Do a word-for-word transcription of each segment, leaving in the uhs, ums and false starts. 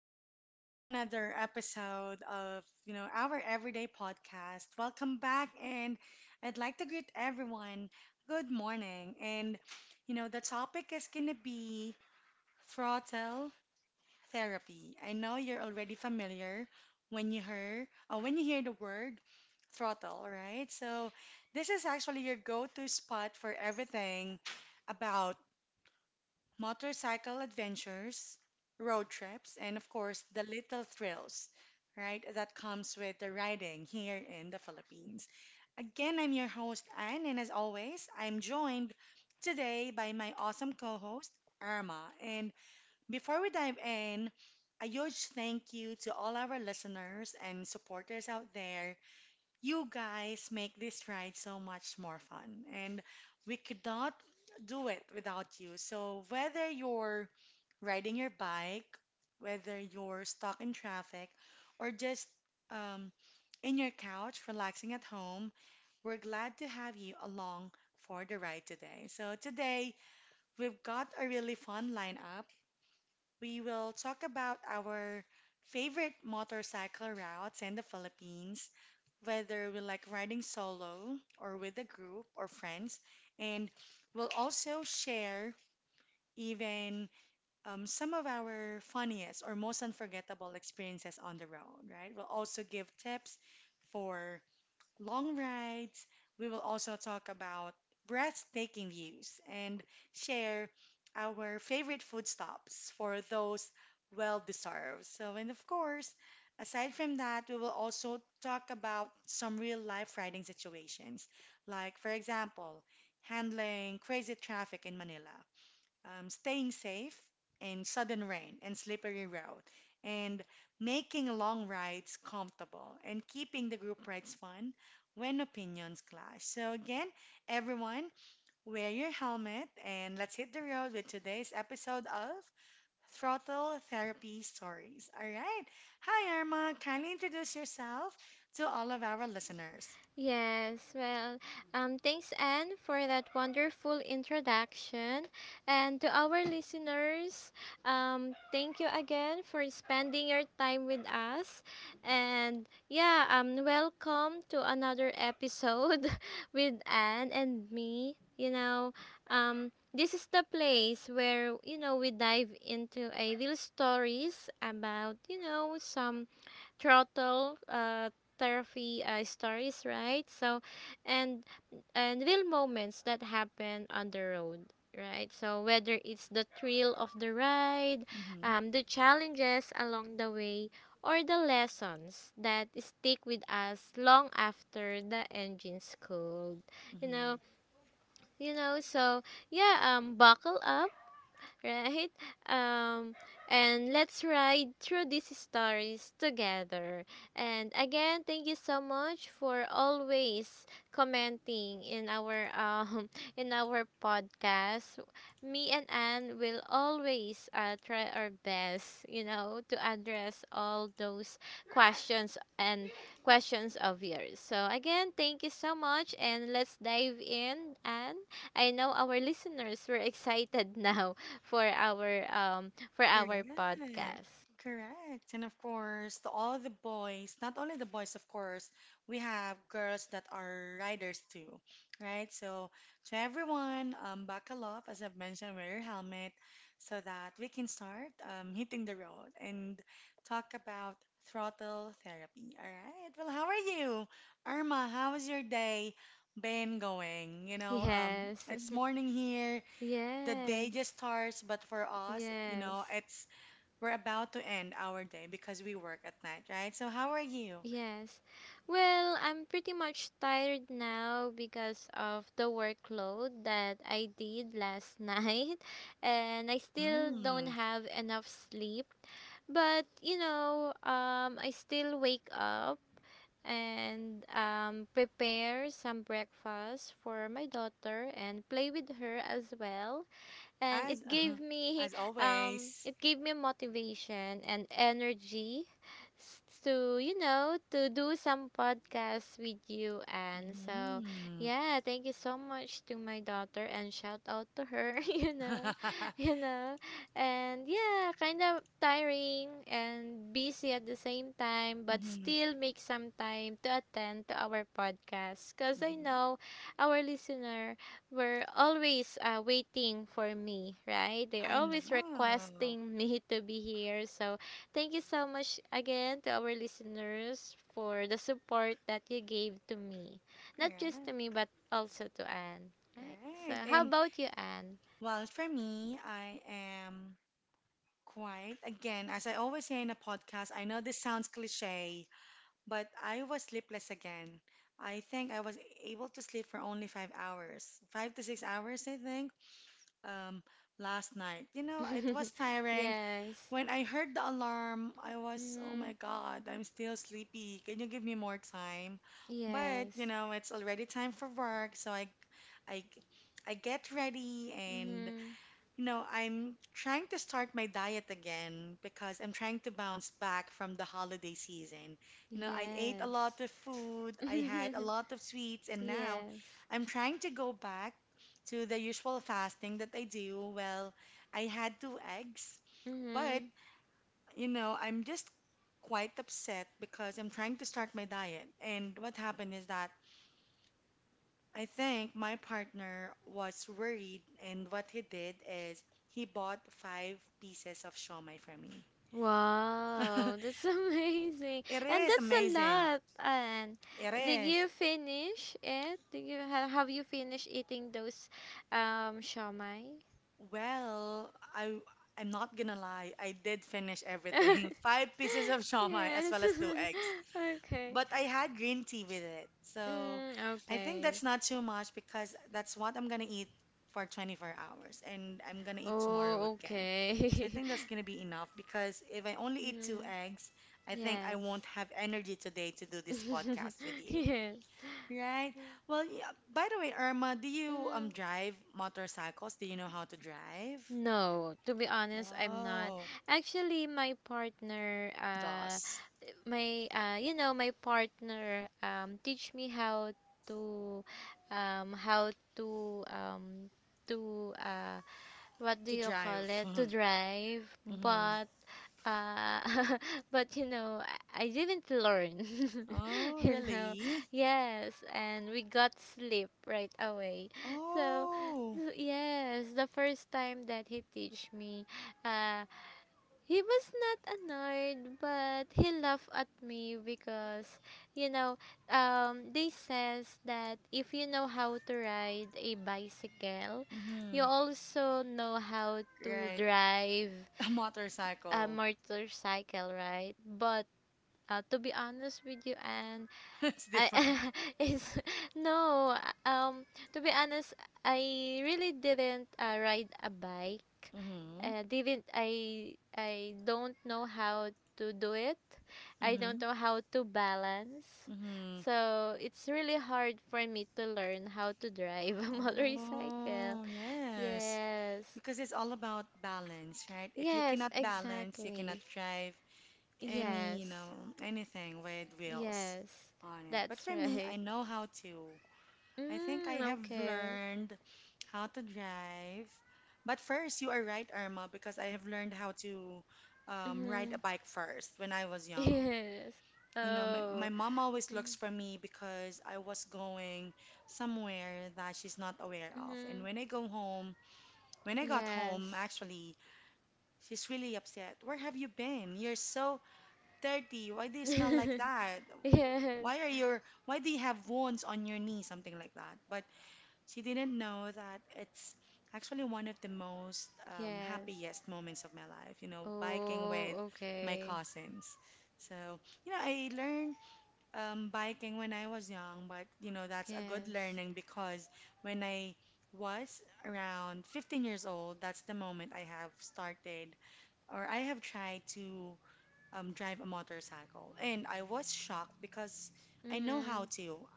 welcome back to another episode of, you know, our everyday podcast. Welcome back and I'd like to greet everyone. Good morning. And you know, the topic is going to be throttle therapy. I know you're already familiar when you hear or when you hear the word throttle, right? So, this is actually your go-to spot for everything about motorcycle adventures, road trips, and of course, the little thrills, right, that comes with the riding here in the Philippines. Again, I'm your host, Anne, and as always, I'm joined today by my awesome co host, Irma. And before we dive in, a huge thank you to all our listeners and supporters out there, you guys make this ride so much more fun, and we could not do it without you. So, whether you're riding your bike, whether you're stuck in traffic, or just um, in your couch relaxing at home, we're glad to have you along for the ride today. So, today we've got a really fun lineup. We will talk about our favorite motorcycle routes in the Philippines, whether we like riding solo or with a group or friends. And we'll also share even um, some of our funniest or most unforgettable experiences on the road, right? We'll also give tips for long rides. We will also talk about breathtaking views and share our favorite food stops for those well deserved. So, and of course, aside from that, we will also talk about some real life riding situations, like, for example, handling crazy traffic in Manila, um, staying safe in sudden rain and slippery road, and making long rides comfortable and keeping the group rides fun when opinions clash. So, again, everyone, wear your helmet and let's hit the road with today's episode of Throttle Therapy Stories. All right. Hi, Irma. Kindly introduce yourself to all of our listeners. Yes, well, um, thanks, Anne, for that wonderful introduction. And to our listeners, um, thank you again for spending your time with us. And yeah, um, welcome to another episode with Anne and me. You know, um, this is the place where, you know, we dive into a real stories about, you know, some throttle uh, therapy uh, stories, right? So, and and real moments that happen on the road, right? So whether it's the thrill of the ride, Hmm. um, the challenges along the way, or the lessons that stick with us long after the engine's cooled, you know, Hmm. you know. So yeah, um, buckle up, right? Um, and let's ride through these stories together. And again, thank you so much for always commenting in our um in our podcast. Me and Anne will always uh, try our best, you know, to address all those questions and questions of yours. So again, thank you so much, and let's dive in. And I know our listeners were excited now for our um for our Correct. podcast. Correct. And of course, to all the boys, not only the boys, of course, we have girls that are riders too, right? So to everyone, um, buckle up, as I've mentioned, wear your helmet so that we can start um, hitting the road and talk about throttle therapy. All right. Well, how are you? Irma, how's your day been going? You know, um, Yes. it's morning here, the day Yes. just starts, but for us, you know, Yes. it's we're about to end our day because we work at night, right? So how are you? Yes. Well, I'm pretty much tired now because of the workload that I did last night, and I still don't Mm, have enough sleep. But, you know, um I still wake up and um prepare some breakfast for my daughter and play with her as well, and as it uh gave me as um always. it gave me motivation and energy s- to, you know, to do some podcasts with you. And so Mm. yeah, thank you so much to my daughter and shout out to her you know you know And yeah, kind of tiring and busy at the same time, but Mhm, still make some time to attend to our podcast, because I mhm. know our listener were always uh, waiting for me, right? They're I always know. requesting me to be here. So, thank you so much again to our listeners for the support that you gave to me. Not just Yeah, to me, but also to Anne, right? So, right. how And about you, Anne? well, for me, I am quiet. Again, as I always say in a podcast, I know this sounds cliche, but I was sleepless again. I think I was able to sleep for only five hours, five to six hours, I think. um, Last night. You know, it was tiring. Yes. When I heard the alarm, I was, oh Mm-hmm. my God, I'm still sleepy. Can you give me more time? But, you Yes. know, it's already time for work, so I, I, I get ready and Mm-hmm. you know, I'm trying to start my diet again because I'm trying to bounce back from the holiday season. You know, I ate a lot Yes. of food, I had a lot of sweets, and now Yes. I'm trying to go back to the usual fasting that I do. Well, I had two eggs, but Mm-hmm. you know, I'm just quite upset because I'm trying to start my diet. And what happened is that I think my partner was worried, and what he did is he bought five pieces of shawmai for me. Wow, that's amazing. It And is that's a amazing. lot. And It did you is. finish it? Did you ha Have you finished eating those um shawmai? Well, I I'm not gonna lie. I did finish everything. Five pieces of shawmai as Yes. well as two eggs. Okay. But I had green tea with it. So Mm, I think okay. that's not too much because that's what I'm gonna eat for twenty-four hours and I'm gonna eat tomorrow Oh, again. So I okay. think that's gonna be enough because if I only eat two Mm, eggs, I think I yes. won't have energy today to do this podcast with you. Yes. Right? Well, yeah. By the way, Irma, do you um Mm, drive motorcycles? Do you know how to drive? no, to be honest, I'm not. Oh, Actually, my partner, uh dos. my uh, you know, my partner, um, teach me how to um, how to um, to uh, what do To you call drive. it, to drive. Hmm. But uh, but you know, I, I didn't learn Oh, you know. really? Yes, and we got sleep right away. So, so Oh. yes, the first time that he teach me, uh, he was not annoyed, but he laughed at me because, you know, um, they says that if you know how to ride a bicycle, you Mm-hmm. also know how to Right? drive A a motorcycle. motorcycle, right? But uh, to be honest with you, and It's I different. it's no um to be honest, I really didn't uh, ride a bike. Mm-hmm. Uh, didn't I I don't know how to do it. I Mm-hmm. don't know how to balance. Mm-hmm. So it's really hard for me to learn how to drive a motorcycle. Oh, yes. Yes, Because it's all about balance, right? If you yes, cannot balance, you cannot exactly. drive any, you Yes. know, anything with wheels Yes. on it. But That's for me, I right. know how to. I think Mm, I have okay. learned how to drive. But first, you are right, Irma, because I have learned how to um, ride Mm-hmm. a bike first when I was young. Yes. You know, my, my Oh. mom always looks for me because I was going somewhere that she's not aware of. And Mm-hmm. when I go home, when I got home, Yes. actually, she's really upset. Where have you been? You're so dirty. Why do you smell like that? Yes. Why are your, why do you have wounds on your knee? Something like that. But she didn't know that it's actually one of the most um, Yes. happiest moments of my life, you know, biking Oh, with my okay. cousins. So, you know, I learned um, biking when I was young, but you know, that's a good Yes. learning because when I was around fifteen years old, that's the moment I have started or I have tried to um, drive a motorcycle. And I was shocked because I know Mm-hmm. how to,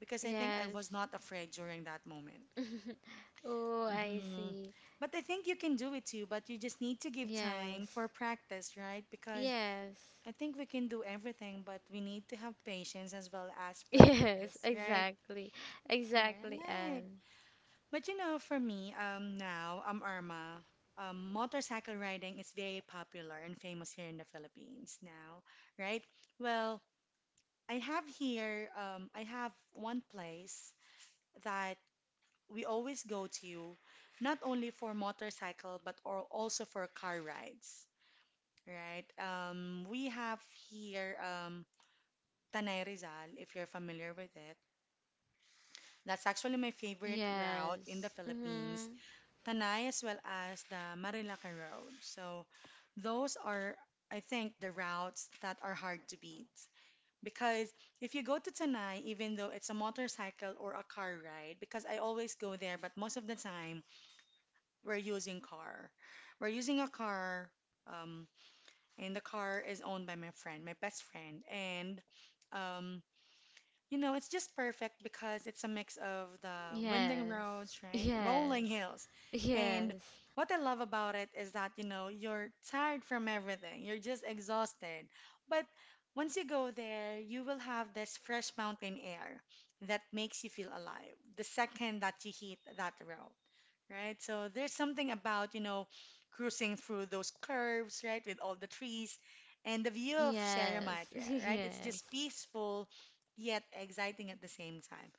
because I think I was Yes. not afraid during that moment. Oh, I Hmm. see. But I think you can do it too, but you just need to give time Yes. for practice, right? Because Yes. I think we can do everything, but we need to have patience as well as Yes, practice, right? exactly. Exactly. Right. And But you know, for me, um, now, um, Irma, um, motorcycle riding is very popular and famous here in the Philippines now, right? Well, I have here, um, I have one place that we always go to, not only for motorcycle, but or also for car rides, right? Um, we have here, um, Tanay Rizal, if you're familiar with it. That's actually my favorite route in the yes. Philippines, Mm-hmm. Tanay as well as the Marilacan Road. So those are, I think, the routes that are hard to beat. Because if you go to Tanay, even though it's a motorcycle or a car ride, because I always go there, but most of the time we're using car. We're using a car, um, and the car is owned by my friend, my best friend, and um, you know, it's just perfect because it's a mix of the winding Yes. roads, right? Rolling Yes. hills. And Yes. what I love about it is that, you know, you're tired from everything. You're just exhausted. But once you go there, you will have this fresh mountain air that makes you feel alive the second that you hit that road, right? So there's something about, you know, cruising through those curves, right, with all the trees and the view of Sierra Yes. Madre, right? It's Yes. just peaceful yet exciting at the same time.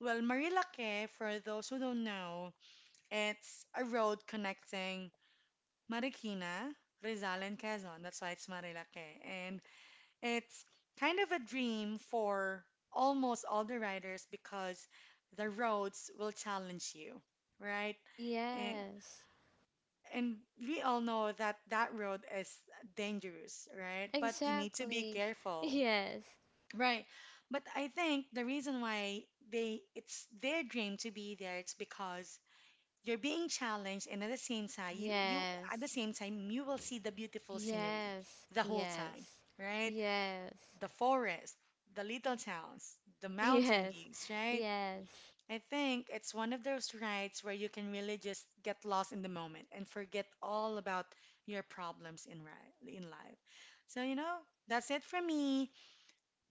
Well, Marilake, for those who don't know, it's a road connecting Marikina, Rizal, and Quezon. That's why it's Marilake. And it's kind of a dream for almost all the riders because the roads will challenge you, right? And, Yes, and we all know that that road is dangerous, right? But you need to be exactly. careful. Yes, Right. But I think the reason why they it's their dream to be there it's because you're being challenged and at the same time you, you at the yes, same time you will see the beautiful scenery yes, the whole time, yes, right? yes, The forest, the little towns, the mountain yes, views, right? yes, I think it's one of those rides where you can really just get lost in the moment and forget all about your problems in ri in life. So, you know, that's it for me.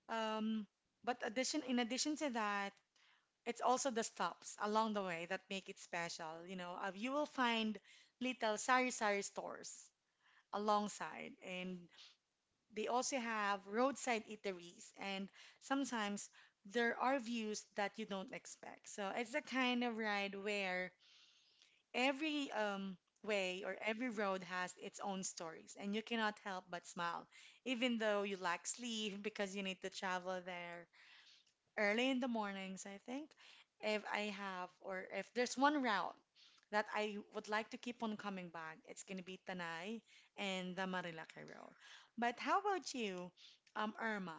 Um, but addition, in addition to that, it's also the stops along the way that make it special. You know, uh, you will find little sari-sari stores alongside, and they also have roadside eateries, and sometimes there are views that you don't expect. So it's the kind of ride where every um, way or every road has its own stories, and you cannot help but smile, even though you lack sleep because you need to travel there early in the mornings. I think, if I have or if there's one route that I would like to keep on coming back, it's gonna be Tanay and the Marilaki Road. But how about you, um, Irma?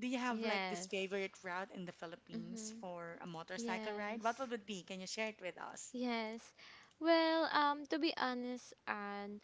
Do you have like this yes, favorite route in the Philippines mm-hmm, for a motorcycle ride? yes. What would it be? Can you share it with us? Yes. Well, um, to be honest, and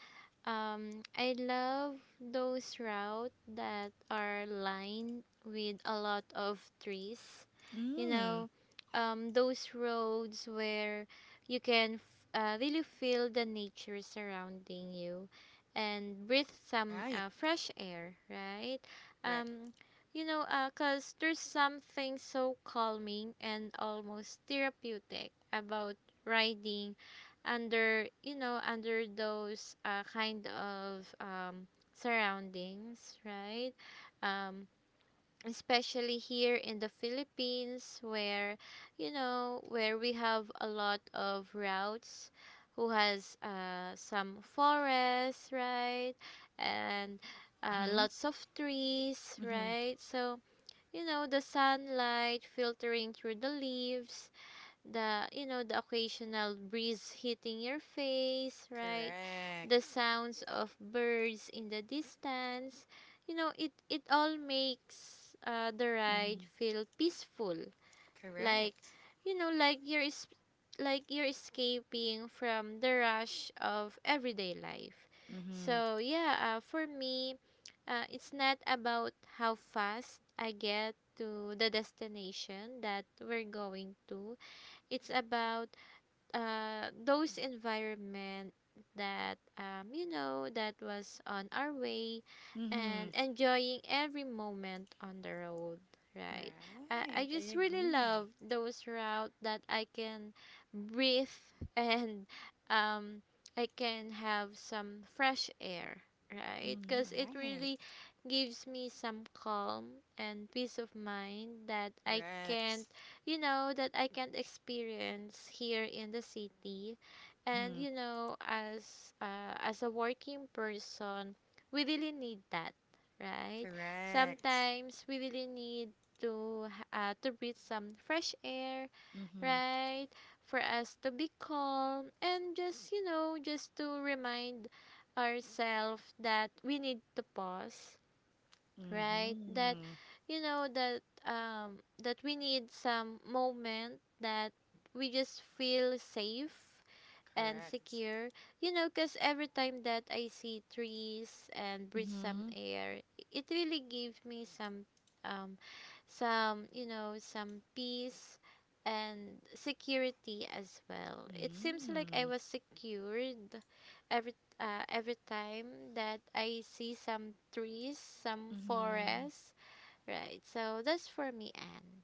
um, I love those routes that are lined with a lot of trees. You Mm, know, um, those roads where you can f- uh, really feel the nature surrounding you and breathe some right, uh, fresh air, right? correct. Um, you know, uh, 'cause there's something so calming and almost therapeutic about riding under, you know, under those uh, kind of um, surroundings, right? um, especially here in the Philippines, where, you know, where we have a lot of routes who has uh, some forests, right? And uh, Mm-hmm, lots of trees, mm-hmm, right? So, you know, the sunlight filtering through the leaves, the, you know, the occasional breeze hitting your face, right? correct. The sounds of birds in the distance, you know, it it all makes uh, the ride Mm-hmm, feel peaceful, like, correct. you know, like you're es- like you're escaping from the rush of everyday life. Mm-hmm, So yeah, uh, for me, uh, it's not about how fast I get to the destination that we're going to. It's about uh, those environment that, um, you know, that was on our way, mm-hmm, and enjoying every moment on the road, right? I, right. I I just really agree. love those route that I can breathe and, um, I can have some fresh air, right? Mm-hmm. Because it Right. really gives me some calm and peace of mind that I Correct. can't, you know, that I can't experience here in the city. And Mm-hmm. you know, as uh, as a working person, we really need that, right? Correct. Sometimes we really need to h- uh, to breathe some fresh air, Mm-hmm. right? For us to be calm and just, you know, just to remind ourselves that we need to pause, right? That, Mm-hmm. you know, that um that we need some moment that we just feel safe and Correct. secure. You know, because every time that I see trees and breathe some Mm-hmm. air, it really gives me some, um, some, you know, some peace and security as well. It seems like I Mm-hmm. was secured every uh, every time that I see some trees, some Mm-hmm. forests, right? So that's for me, Anne.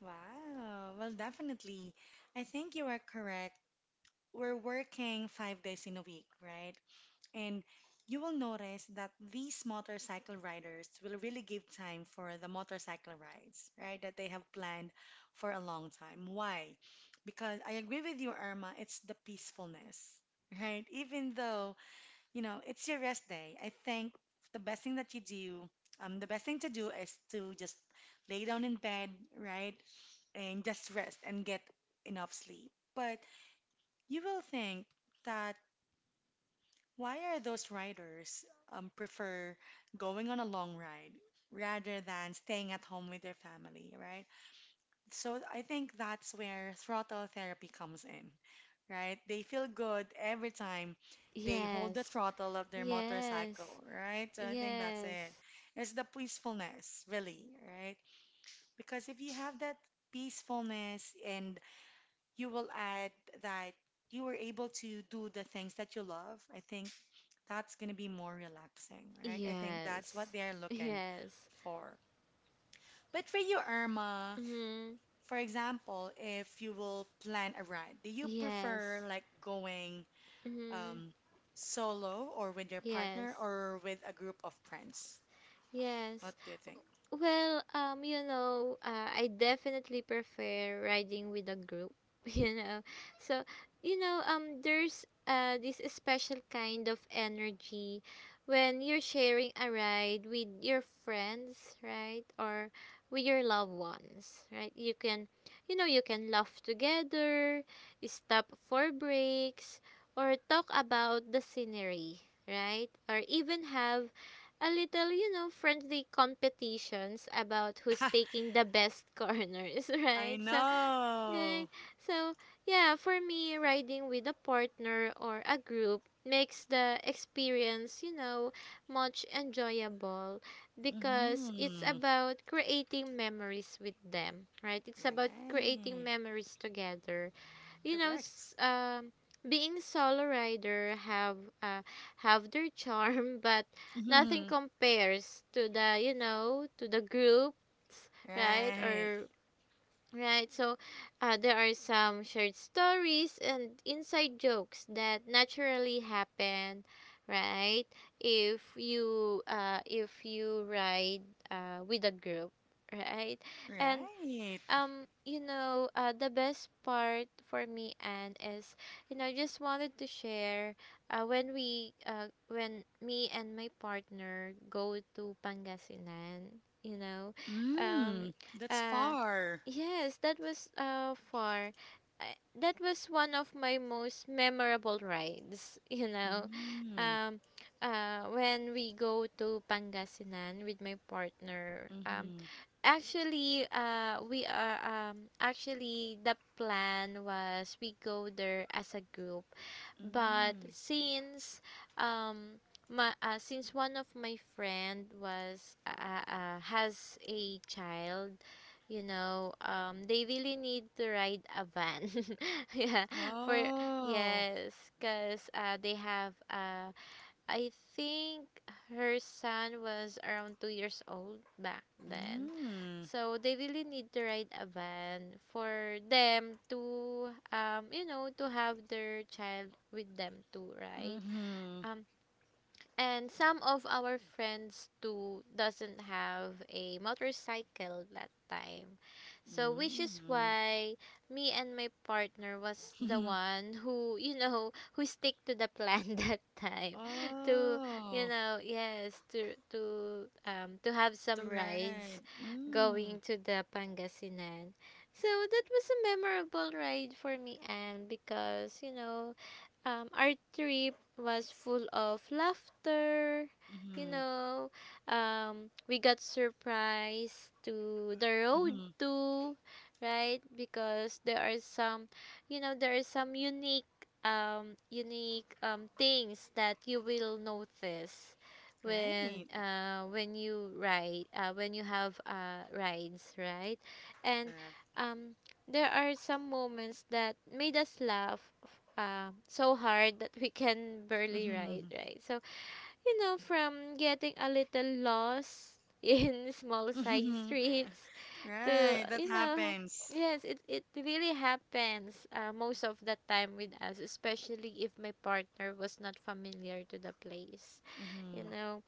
Wow. Well, definitely. I think you are correct. We're working five days in a week, right? And you will notice that these motorcycle riders will really give time for the motorcycle rides, right? That they have planned Yes, for a long yes, time. Why? Because I agree with you, Irma, it's the peacefulness, right? Even though, you know, it's your rest day, I think the best thing that you do, um, the best thing to do is to just lay down in bed, right? And just rest and get enough sleep. But you will think that why are those riders um, prefer going on a long ride rather than staying at home with their family, right? So I think that's where throttle therapy comes in, right? They feel good every time they hold the yes, throttle of their yes. motorcycle, right? So I think that's Yes. it. It's the peacefulness, really, right? Because if you have that peacefulness and you will add that you were able to do the things that you love, I think that's going to be more relaxing, right? I think that's what Yes. they're looking Yes. for. But for you, Irma, Mhm. for example, if you will plan a ride, do you prefer Yes. like going Mhm. um, solo or with your partner Yes. or with a group of friends? What Yes. do you think? Well, um, you know, uh, I definitely prefer riding with a group, you know. So, you know, um, there's uh this special kind of energy when you're sharing a ride with your friends, right? Or with your loved ones, right? You can, you know, you can laugh together, stop for breaks, or talk about the scenery, right? Or even have a little, you know, friendly competitions about who's taking the best corners, I right? So, right. know. So, yeah, for me, riding with a partner or a group makes the experience, you know, much enjoyable, because it's Mm-hmm. about creating memories with them, right? It's about creating Right. memories together, you know. Correct. s- um being solo rider have uh, have their charm, but nothing Mhm. compares to the, you know, to the groups, right? Right, Or right. So uh, there are some shared stories and inside jokes that naturally happen, right? If you uh if you ride uh with a group, right? And right. um you know, uh, the best part for me, and is, you know, I just wanted to share, uh, when we uh, when me and my partner go to Pangasinan, you know. um Mm, that's uh far. yes, that was uh far. I- that was one of my most memorable rides you know. Mm, um uh when we go to Pangasinan with my partner. um mm-hmm, Actually, uh, we are um actually the plan was we go there as a group, but mm. since um my uh, since one of my friend was uh, uh, has a child, you know, um they really need to ride a van, yeah, for Oh, yes, cause uh they have uh I think her son was around two years old back then. mm, So they really need to ride a van for them to um you know, to have their child with them too, right? mm-hmm, Um and some of our friends too doesn't have a motorcycle that time, so which is why me and my partner was the mm. one who you know, who stick to the plan that time, to, you Oh, know, yes, to to um to have the some rides right. Mm, going to the Pangasinan. So that was a memorable ride for me, and because, you know, um, our trip was full of laughter. You mm-hmm, know, um, we got surprised to the road mm-hmm. too, right? Because there are some, you know, there are some unique, um, unique um, things that you will notice when Right, uh when you ride, uh when you have uh rides, right? And correct. um there are some moments that made us laugh um, so hard that we can barely ride, Mm-hmm, right? So, you know, from getting a little lost in small side mm-hmm. streets to, Right, that you know, happens. yes, it, it really happens uh, most of the time with us, especially if my partner was not familiar to the place, you Mm-hmm, know.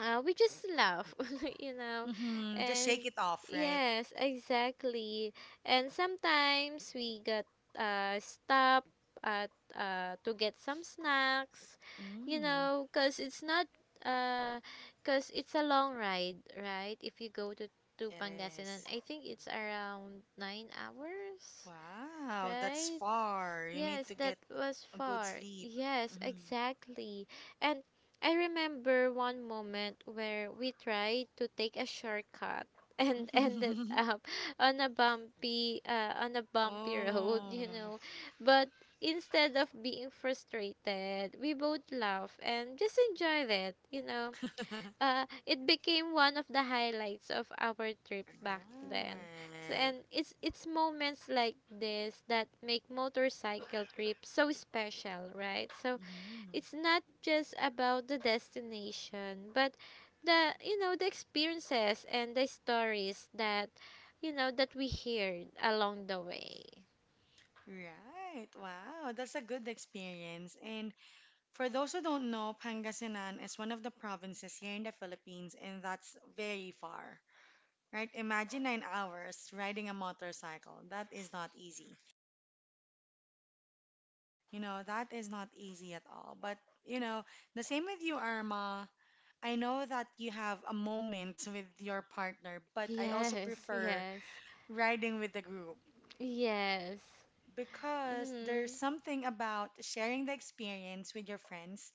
uh, we just laugh, you know, mm-hmm. Just and shake it off, right? yes, exactly. And sometimes we got uh stop at uh to get some snacks, you Mm, know, cause it's not uh, cause it's a long ride, right? If you go to to it is. Pangasinan, I think it's around nine hours, Wow, that's right? far. You need Yes, to that get was a good far. sleep. Yes, Mhm. exactly. And I remember one moment where we tried to take a shortcut and ended up on a bumpy uh, on a bumpy road, Oh. you know. But instead of being frustrated, we both laugh and just enjoy it, you know uh, It became one of the highlights of our trip back then. So, Right. and it's it's moments like this that make motorcycle trips so special, right? So Mhm. it's not just about the destination, but the you know the experiences and the stories that you know that we heard along the way. Right. Wow, that's a good experience. And for those who don't know, Pangasinan is one of the provinces here in the Philippines, and that's very far. Right? Imagine nine hours riding a motorcycle. That is not easy. You know, that is not easy at all. But, you know, the same with you, Irma. I know that you have a moment with your partner, but I also Yes, prefer yes, riding with the group yes. because there's Mm-hmm. something about sharing the experience with your friends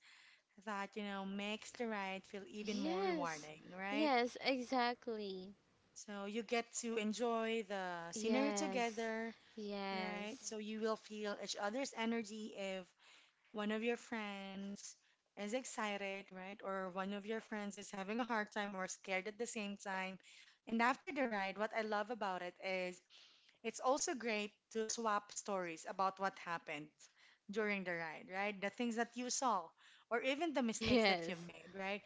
that, you know, makes the ride feel even more Yes, rewarding, right? yes, exactly. So you get to enjoy the scenery Yes. together, right? Yes. So you will feel each other's energy if one of your friends is excited, right? Or one of your friends is having a hard time or scared at the same time. And after the ride, what I love about it is it's also great to swap stories about what happened during the ride, right? The things that you saw or even the mistakes that you've Yes. made, right?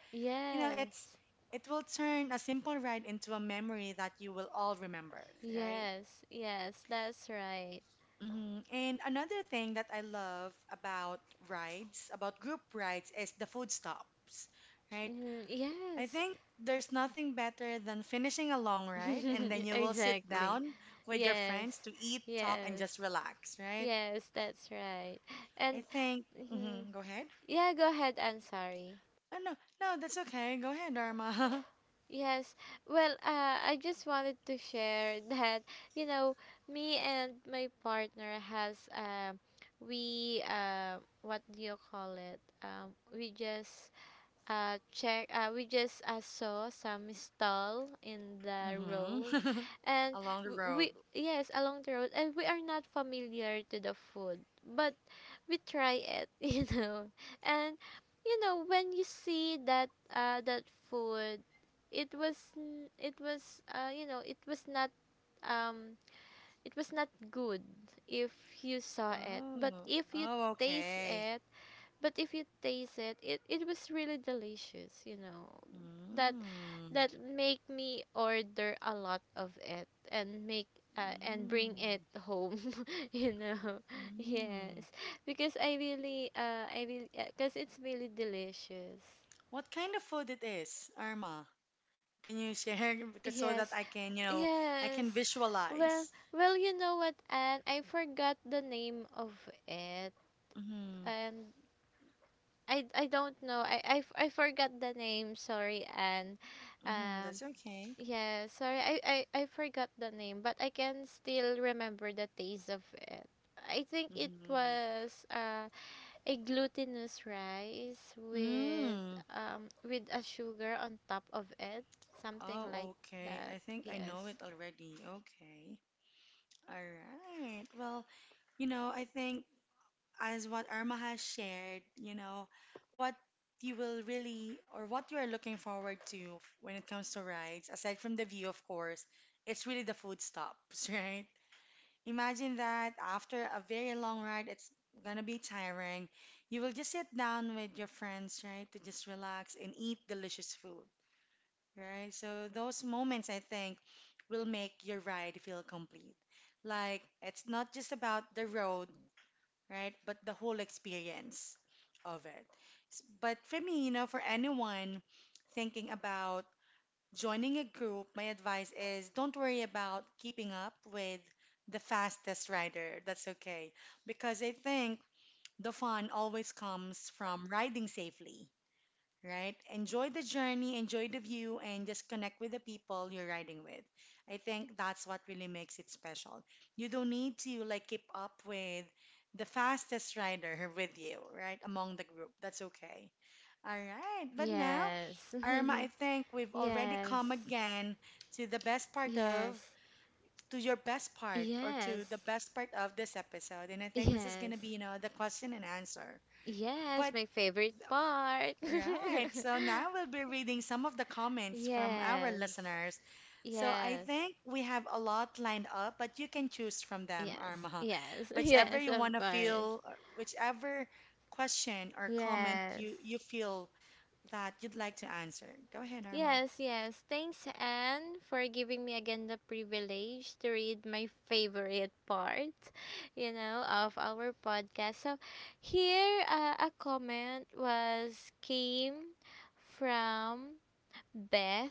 You know, it's Yes. it will turn a simple ride into a memory that you will all remember, right? Yes. Yes. That's right. Hmm. And another thing that I love about rides, about group rides, is the food stops, right? Mm, I yes. think there's nothing better than finishing a long ride and then you will sit exactly. down with your Yes. friends to eat, talk, and Yes. just relax, right? Yes. That's right. I And think, mhm. hmm, go ahead. Yeah, go ahead. I'm sorry. Oh, no, no, that's okay. Go ahead, Dharma. Yes. Well, uh, I just wanted to share that, you know, me and my partner has um we uh what do you call it? Um we just uh check uh we just uh, saw some stall in the Hmm. road and Along the w- we, road. yes, along the road, and we are not familiar to the food, but we try it. you know and you know when you see that uh that food, it was n- it was, uh you know it was not, um it was not good if you saw it, but Oh, if you oh, taste okay. it but if you taste it, it, it was really delicious, you know. That Mm. that make me order a lot of it and make uh, and bring Mm. it home. you know. Yes, Mm. because I really uh I really because it's really delicious. What kind of food it is, Irma? Can you share, because so that Yes. I can, you know, I can Yes. Well, visualize. well, you know what, Anne? I forgot the name of it, Mm-hmm. and I I don't know. I I, f- I forgot the name. Sorry, Anne. Mm-hmm. Um, That's okay. Yeah, sorry, I, I, I forgot the name, but I can still remember the taste of it. I think it Mm-hmm. was uh, a glutinous rice with Mm. um with a sugar on top of it, something like Oh, okay. that. I think I know Yes. it already. Okay. All right. Well, you know, I think as what Irma has shared, you know, what you will really or what you are looking forward to when it comes to rides, aside from the view, of course, it's really the food stops, right? Imagine that after a very long ride, it's gonna be tiring. You will just sit down with your friends, right, to just relax and eat delicious food, right? So those moments, I think, will make your ride feel complete. Like it's not just about the road, right, but the whole experience of it. S- But for me, you know, for anyone thinking about joining a group, my advice is don't worry about keeping up with the fastest rider. That's okay. Because I think the fun always comes from riding safely, right? Enjoy the journey, enjoy the view, and just connect with the people you're riding with. I think that's what really makes it special. You don't need to like keep up with the fastest rider with you, right? Among the group. That's okay. All right, but now, Yes. Irma, I think we've already Yes. come again to the best part of, Yes. to your best part, or Yes. to the best part of this episode. And I think this is going to be, Yes. you know, the question and answer. Yes, But, my favorite part. right, so now we'll be reading some of the comments from our Yes. listeners. So I Yes. think we have a lot lined up, but you can choose from them, Yes, Irma. yes, Whichever yes, you want of to course. feel, uh, whichever question or comment Yes, you, you feel that you'd like to answer. Go ahead, Arma. yes, yes. Thanks, Anne, for giving me again the privilege to read my favorite part, you know, of our podcast. So, here uh, a comment was came from Beth.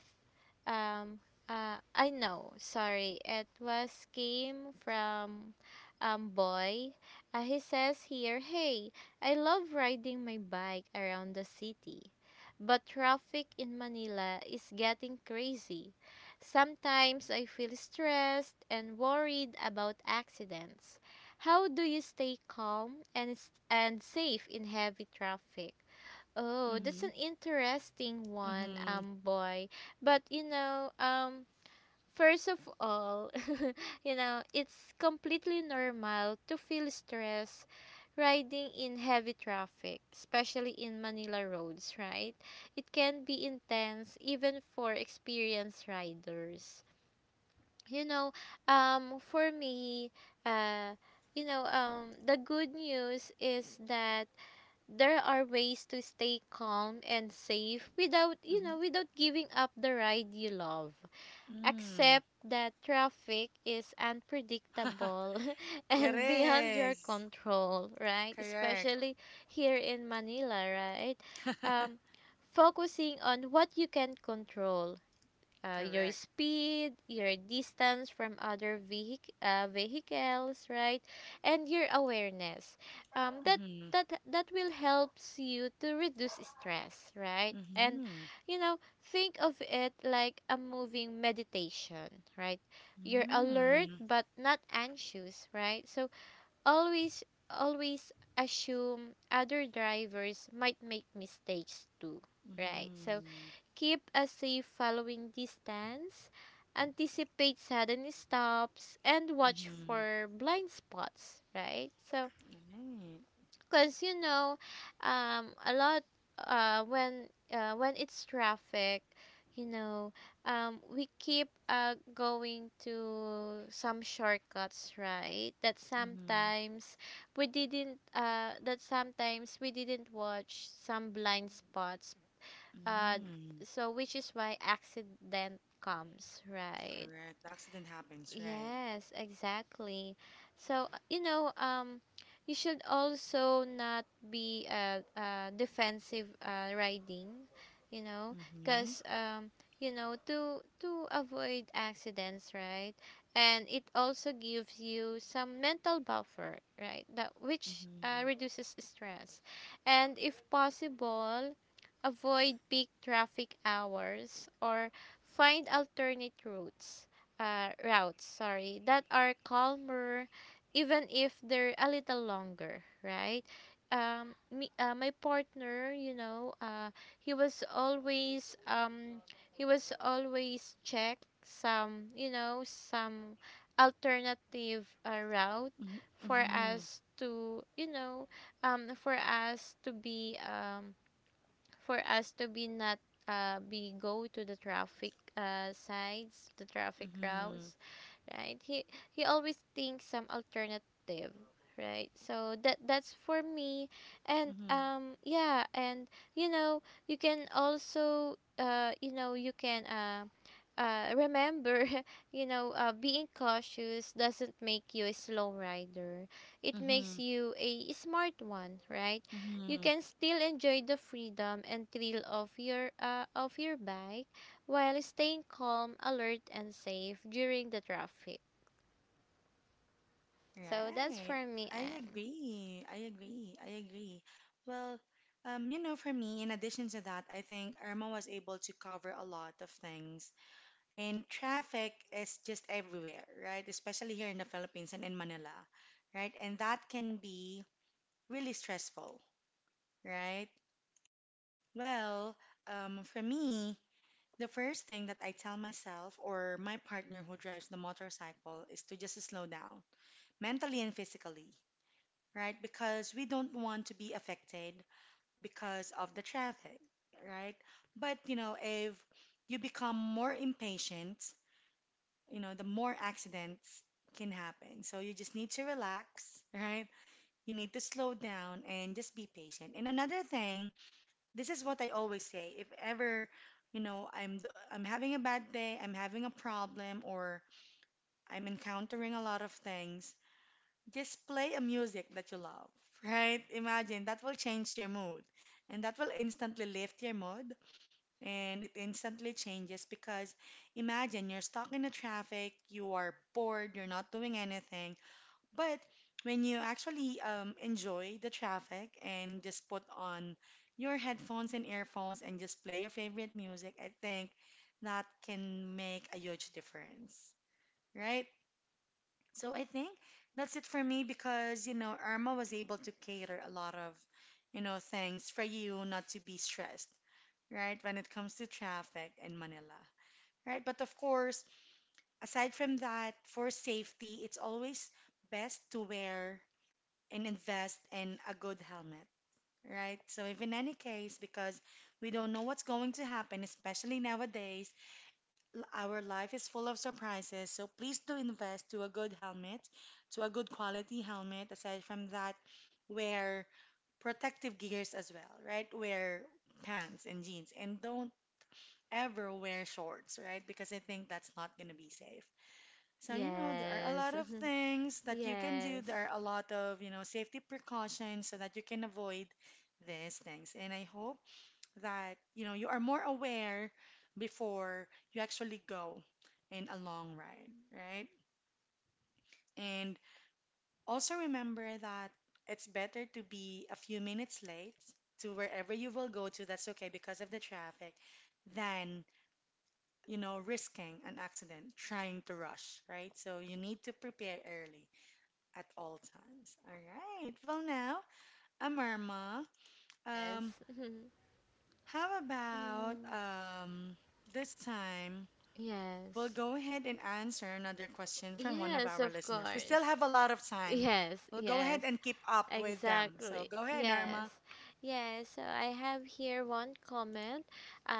Um, uh, I know. Sorry, it was came from um boy. Uh, he says here, "Hey, I love riding my bike around the city, but traffic in Manila is getting crazy. Sometimes I feel stressed and worried about accidents. How do you stay calm and s- and safe in heavy traffic?" Oh, that's Mm-hmm. an interesting one, Mm-hmm. um, boy. But you know, um, first of all, you know, it's completely normal to feel stress riding in heavy traffic, especially in Manila roads, right? It can be intense even for experienced riders. You know, um, for me, uh, you know, um, the good news is that there are ways to stay calm and safe without, you Mm-hmm. know, without giving up the ride you love. Mm. Accept that traffic is unpredictable It and beyond your is. control, right? Correct. Especially here in Manila, right? Um, Focusing on what you can control, uh, your Correct. speed, your distance from other vehic- uh, vehicles, right? And your awareness. Um, that Mm-hmm. that that will helps you to reduce stress, right? And Mm-hmm. you know, think of it like a moving meditation, right? You're alert Mm-hmm. but not anxious, right? So always always assume other drivers might make mistakes too, right? So Mm-hmm. keep a safe following distance, anticipate sudden stops, and watch Mm-hmm. for blind spots, right? So, Right. because you know, um, a lot uh, when uh, when it's traffic, you know, um, we keep uh, going to some shortcuts, right? That Mm-hmm. Sometimes we didn't uh, that sometimes we didn't watch some blind spots, uh, Mm-hmm. so which is why accident comes, right? Correct. The accident happens, right? Yes, exactly. So, uh, you know, um, you should also not be uh, uh, defensive uh, riding, you know, Mm-hmm. because, um, you know, to to avoid accidents, right? And it also gives you some mental buffer, right? That, which, Mm-hmm. uh, reduces stress. And if possible, avoid peak traffic hours or find alternate routes, uh, routes, sorry, that are calmer, even if they're a little longer, right? Um, me, uh, my partner, you know, uh, he was always um, he was always check some, you know, some alternative uh, route Mm-hmm. for Mm-hmm. us to, you know, um, for us to be, um, for us to be not, uh, be go to the traffic, uh, sides, the traffic Mm-hmm. routes, right? He he always thinks some alternative, right? So that that's for me, and um yeah, and you know you can also, uh you know you can, uh. Uh, remember, you know, uh, being cautious doesn't make you a slow rider. It makes Mm-hmm. you a smart one, right? You Mm-hmm. can still enjoy the freedom and thrill of your uh, of your bike while staying calm, alert, and safe during the traffic. So that's Right. for me, I Anne. agree. I agree. I agree. Well, um, you know, for me, in addition to that, I think Irma was able to cover a lot of things. And traffic is just everywhere, right? Especially here in the Philippines and in Manila, right? And that can be really stressful, right? Well, um, for me, the first thing that I tell myself or my partner who drives the motorcycle is to just slow down, mentally and physically, right? Because we don't want to be affected because of the traffic, right? But you know, if you become more impatient, you know, the more accidents can happen. So you just need to relax, right? You need to slow down and just be patient. And another thing, this is what I always say, if ever, you know, I'm I'm having a bad day, I'm having a problem or I'm encountering a lot of things, just play a music that you love, right? Imagine that will change your mood and that will instantly lift your mood and it instantly changes because imagine you're stuck in the traffic, you are bored, you're not doing anything. But when you actually um, enjoy the traffic and just put on your headphones and earphones and just play your favorite music, I think that can make a huge difference, right? So I think that's it for me because, you know, Irma was able to cater a lot of, you know, things for you not to be stressed, right, when it comes to traffic in Manila, right? But of course, aside from that, for safety, it's always best to wear and invest in a good helmet, right? So if in any case, because we don't know what's going to happen, especially nowadays, l- our life is full of surprises, so please do invest to a good helmet, to a good quality helmet. Aside from that, wear protective gears as well, right? Wear pants and jeans, and don't ever wear shorts, right? Because I think that's not going to be safe. So, you know, there are a lot Yes. of things that you can do. Yes. There are a lot of, you know, safety precautions so that you can avoid these things. And I hope that you know you are more aware before you actually go in a long ride, right? And also remember that it's better to be a few minutes late to wherever you will go to, that's okay because of the traffic, than, you know, risking an accident trying to rush, right? So you need to prepare early at all times. All right. Well, now, Amarma, Yes. um, how about Mhm. um, this time? We'll Yes. go ahead and answer another question from one of Yes, our of listeners. We still course. have a lot of time. Yes, We'll go ahead yes. and keep up with them. So Exactly. go ahead, Norma. Yes. Yes. So I have here one comment.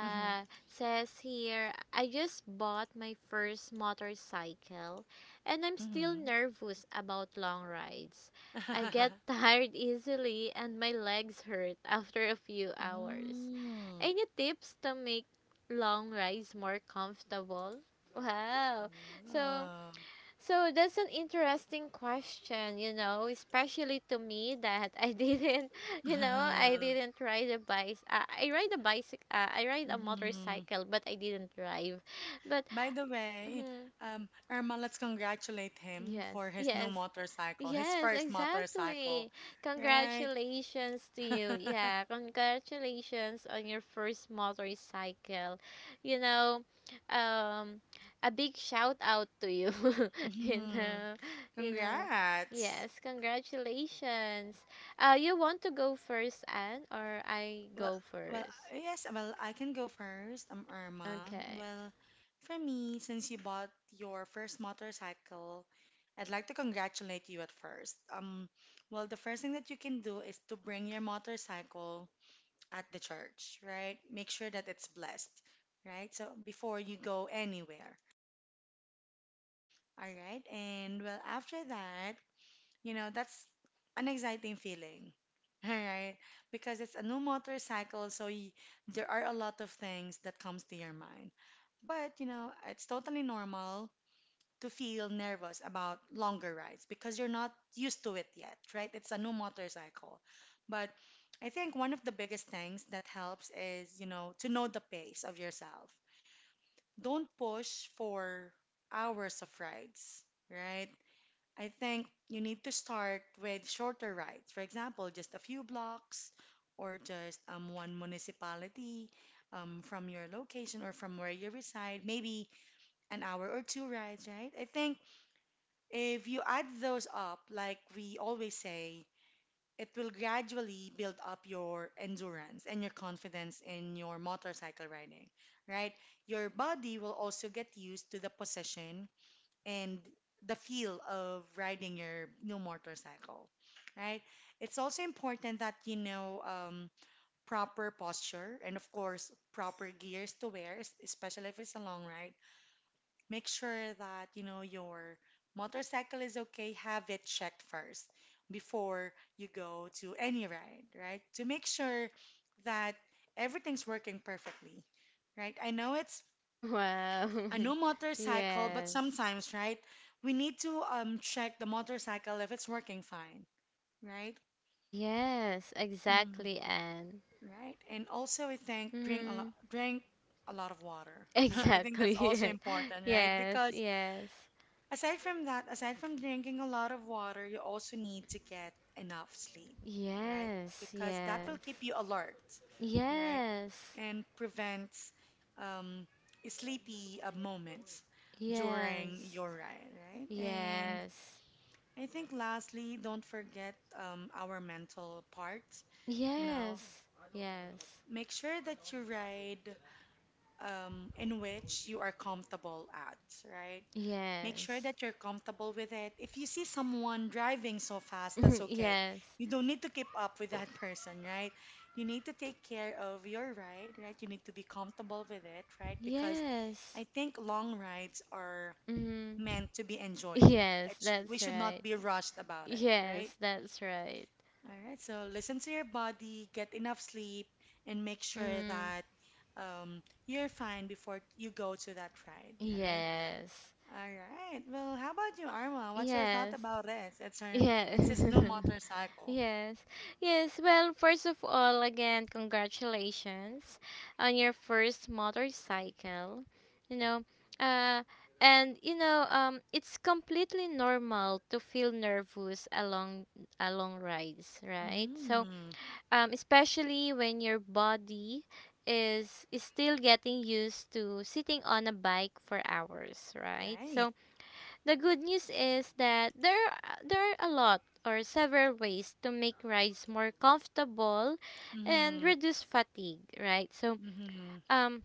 Mm-hmm. Says here, "I just bought my first motorcycle and I'm still Mm-hmm. nervous about long rides. I get tired easily and my legs hurt after a few hours. Mm. Any tips to make long rides more comfortable?" Wow. So Oh. so that's an interesting question, you know, especially to me that I didn't, you know, I Uh, didn't ride a bike. Uh, I ride a bicycle. Uh, I ride a Mhm. motorcycle, but I didn't drive. But By the way, mhm, um, Irma, let's congratulate him yes, for his new yes. motorcycle, his Yes, first motorcycle, exactly. right? Congratulations to you. Yeah, congratulations on your first motorcycle. You know, um, a big shout out to you. You Mhm. know, you know. Congrats. Yes, congratulations. Uh, you want to go first, Anne, or I Well, go well, first? yes, well, I can go first. I'm Irma. Okay. Well, for me, since you bought your first motorcycle, I'd like to congratulate you at first. Um, well, the first thing that you can do is to bring your motorcycle at the church, right? Make sure that it's blessed, right? So before you go anywhere, all right? And well, after that, you know, that's an exciting feeling, all right? Because it's a new motorcycle, so y there are a lot of things that comes to your mind. But, you know, it's totally normal to feel nervous about longer rides because you're not used to it yet, right? It's a new motorcycle. But I think one of the biggest things that helps is, you know, to know the pace of yourself. Don't push for hours of rides, right? I think you need to start with shorter rides. For example, just a few blocks or just um, one municipality, um, from your location or from where you reside, maybe an hour or two rides, right? I think if you add those up, like we always say, it will gradually build up your endurance and your confidence in your motorcycle riding, right? Your body will also get used to the position and the feel of riding your new motorcycle, right? It's also important that you know um, proper posture and, of course, proper gears to wear, es- especially if it's a long ride. Make sure that you know your motorcycle is okay, have it checked first before you go to any ride, right? To make sure that everything's working perfectly, right? I know it's Wow. a new motorcycle, but Yes. sometimes, right, we need to um, check the motorcycle if it's working fine, right? Yes, hmm exactly, Anne. Right. And also, I think drink a lot, Hmm. drink a lot of water. I think Exactly. that's also important, right? Yes. Because Yes. aside from that, aside from drinking a lot of water, you also need to get enough sleep, right? Yes. Because that will keep you alert, right? Yes. And prevents um, sleepy uh, moments during Yes. your ride, right? And Yes. I think lastly, don't forget um, our mental part. You know, Yes. Yes. make sure that you ride um, in which you are comfortable at, right? Yes. Make sure Yes. that you're comfortable with it. If you see someone driving so fast, that's Yes. okay. Yes. You don't need to keep up with that person, right? You need to take care of your ride, right? You need to be comfortable with it, right? Because Yes. I think long rides are Mm. meant to be enjoyed. Yes, It's, we that's should not right. be rushed about it, right? Yes, that's right. All right, so listen to your body, get enough sleep, and make sure Mm. that um, you're fine before you go to that ride, right? Yes. All right. Well, how about you, Arma? What's your thought Yes. about it? It's her, it's Yes. his new motorcycle. Yes. Yes. Well, first of all, again, congratulations on your first motorcycle. You know, uh, and you know, um, it's completely normal to feel nervous along along rides, right? So, Mm-hmm. um, especially when your body is is still getting used to sitting on a bike for hours, right? Right. So, the good news is that there are- there are a lot or several ways to make rides more comfortable and Mm-hmm. reduce fatigue, right? So, Mm-hmm. um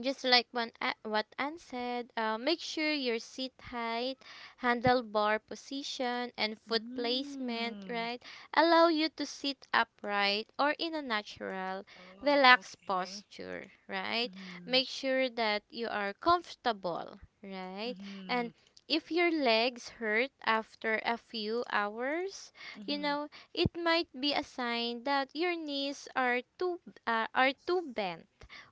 just like when, a- what Anne said, uh, make sure your seat height, handlebar position, and foot placement, Mm-hmm. right, allow you to sit upright or in a natural, Oh, relaxed okay. posture, right? Mm-hmm. Make sure that you are comfortable, right? Mm-hmm. And if your legs hurt after a few hours, you Mm-hmm. know, it might be a sign that your knees are too uh, are too bent,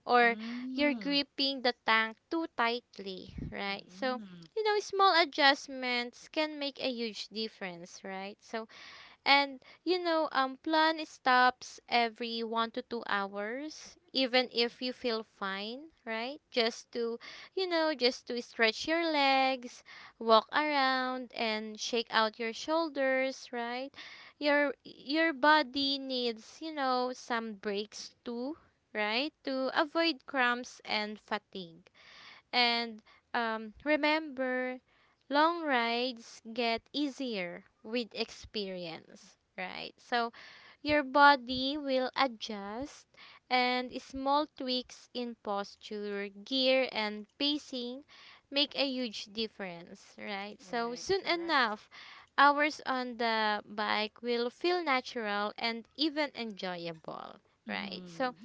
or you're Mm-hmm. gripping the tank too tightly, right? So, Mm-hmm. you know, small adjustments can make a huge difference, right? So, and you know, um, plan stops every one to two hours, even if you feel fine, right? Just to, you know, just to stretch your legs, walk around, and shake out your shoulders, right? Your your body needs, you know, some breaks too, right? To avoid cramps and fatigue. And um, remember, long rides get easier with experience, right? So your body will adjust, and small tweaks in posture, gear, and pacing make a huge difference, right? So Right, soon correct. enough, hours on the bike will feel natural and even enjoyable, right? Mm-hmm. So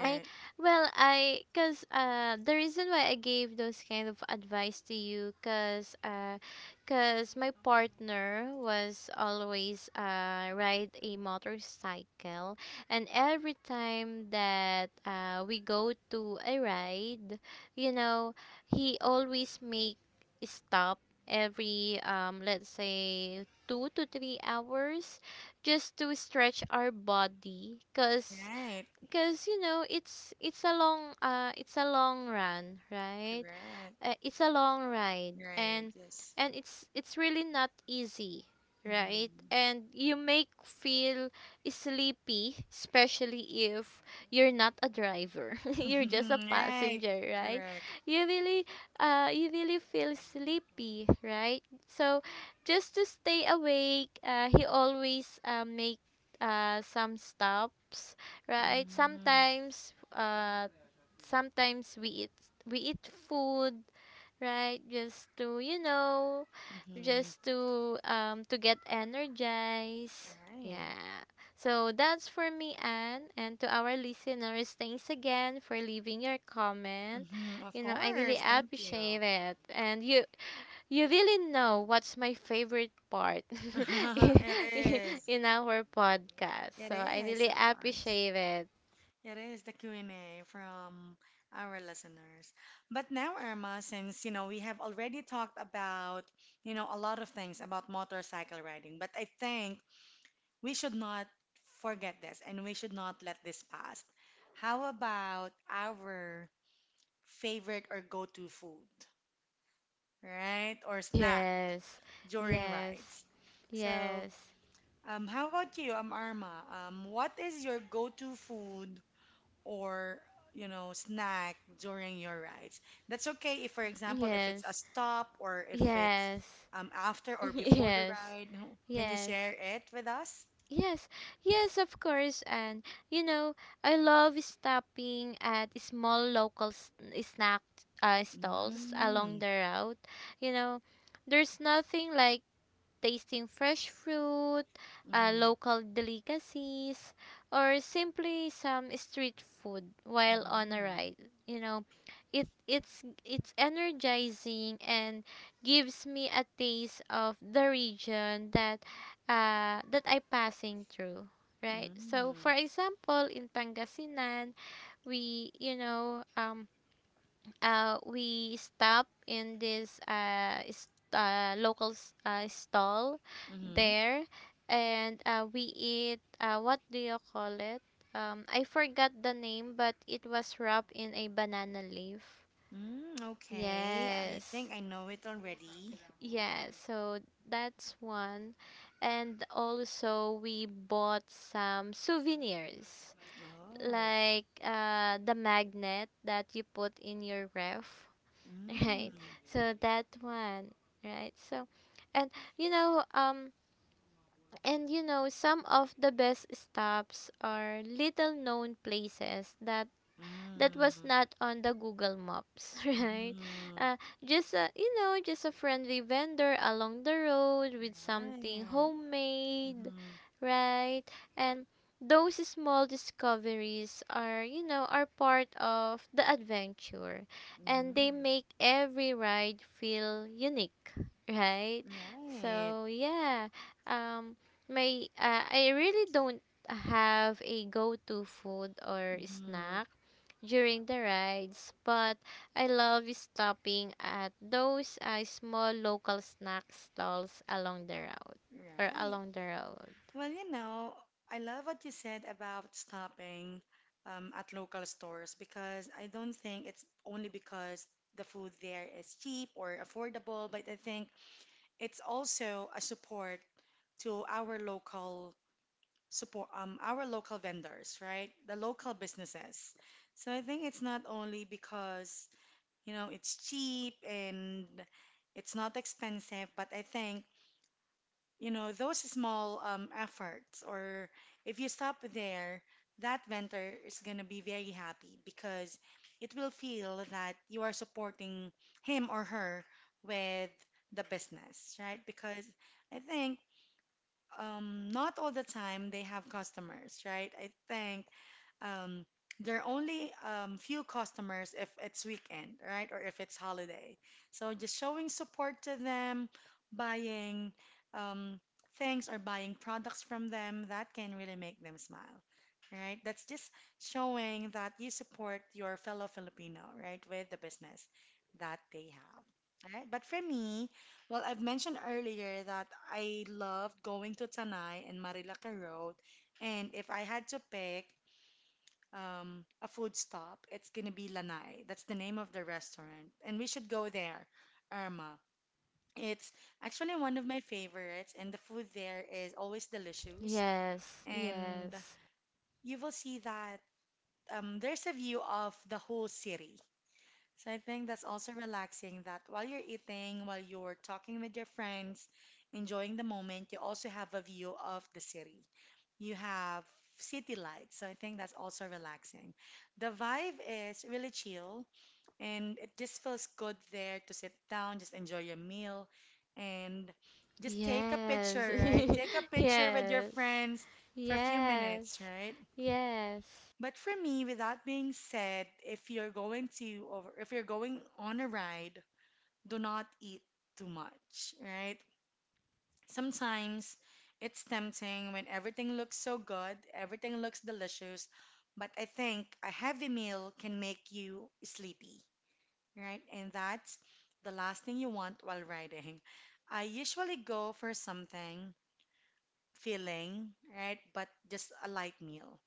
I well I cause uh the reason why I gave those kind of advice to you cause uh cause my partner was always uh ride a motorcycle, and every time that uh we go to a ride, you know he always make stop every um let's say two to three hours just to stretch our body, because Right. because you know it's it's a long uh it's a long run, right? Correct. Uh, it's a long ride, Right. and Yes. and it's it's really not easy, right? And you make feel sleepy, especially if you're not a driver. You're just a Mm-hmm. Right. passenger, right? Correct. you really uh you really feel sleepy, right? So, just to stay awake, uh, he always, uh, make, uh, some stops, right? Mm-hmm. Sometimes, uh sometimes we eat we eat food, right? Just to, you know, Mm-hmm. just to um to get energized. Right. Yeah. So that's for me, Anne, and to our listeners, thanks again for leaving your comment. Mm-hmm. Of You know, I really course. Thank you. appreciate it. And you you really know what's my favorite part It is. in our podcast. It So I is, really of course. appreciate it. It is the Q and A from our listeners. But now, Irma, since, you know, we have already talked about, you know, a lot of things about motorcycle riding, but I think we should not forget this and we should not let this pass. How about our favorite or go-to food, right? Or snack Yes. during Yes. rides. So, Yes. um, how about you, um, Arma? Um, what is your go-to food or, you know, snack during your rides? That's okay if, for example, if it's a Yes. stop or if it's Yes. um, after or before the Yes, ride. Can you yes, share it with us? yes, yes, of course. And you know, I love stopping at small local s- snack uh, stalls along Mm-hmm. the route. You know, there's nothing like tasting fresh fruit, uh, local delicacies, or simply some street food while on a Mhm. ride. You know, it it's it's energizing and gives me a taste of the region that uh, that I passing through. Right. So, for Mm. example, in Pangasinan, we you know um uh, we stop in this uh, s- uh, local s- uh, stall Mhm. there and uh, we eat uh, what do you call it um, I forgot the name, but it was wrapped in a banana leaf. Mm, okay. I Yes, think I know it already. yeah, so that's one. And also we bought some souvenirs Oh. like uh, the magnet that you put in your ref. Right, Mm. so that one. Right, so and you know um and you know, some of the best stops are little known places that that was Mm. not on the Google Maps, right? Mhm. Uh, just a, you know, just a friendly vendor along the road with something Right. homemade, Mhm. right? And those small discoveries are, you know, are part of the adventure, and they Mhm. make every ride feel unique, right? Right. So, yeah. Um my uh, I really don't have a go-to food or Mhm. snack during the rides, but I love stopping at those uh, small local snack stalls along the road or Right. along the road. Well, you know, I love what you said about stopping um, at local stores because I don't think it's only because the food there is cheap or affordable, but I think it's also a support to our local support um our local vendors, right? The local businesses. So I think it's not only because, you know, it's cheap and it's not expensive, but I think, you know, those small um, efforts, or if you stop there, that vendor is going to be very happy because it will feel that you are supporting him or her with the business, right? Because I think, um, not all the time they have customers, right? I think, um, there are only um, few customers if it's weekend, right? Or if it's holiday. So just showing support to them, buying, um, things or buying products from them, that can really make them smile, right? That's just showing that you support your fellow Filipino, right, with the business that they have. All right. But for me, well, I've mentioned earlier that I loved going to Tanay and Marilaca Road, and if I had to pick um, a food stop, it's gonna be Lanai. That's the name of the restaurant, and we should go there, Irma. It's actually one of my favorites, and the food there is always delicious. Yes, And yes, you will see that um, there's a view of the whole city. So I think that's also relaxing that while you're eating, while you're talking with your friends, enjoying the moment, you also have a view of the city. You have city lights. So I think that's also relaxing. The vibe is really chill and it just feels good there to sit down, just enjoy your meal and just take a yes, picture, right? Take a picture with your yes, friends for a few yes, minutes, right? yes, But for me, with that being said, if you're going to, or if you're going on a ride, do not eat too much, right? Sometimes it's tempting when everything looks so good, everything looks delicious, but I think a heavy meal can make you sleepy, right? And that's the last thing you want while riding. I usually go for something filling, right? But just a light meal.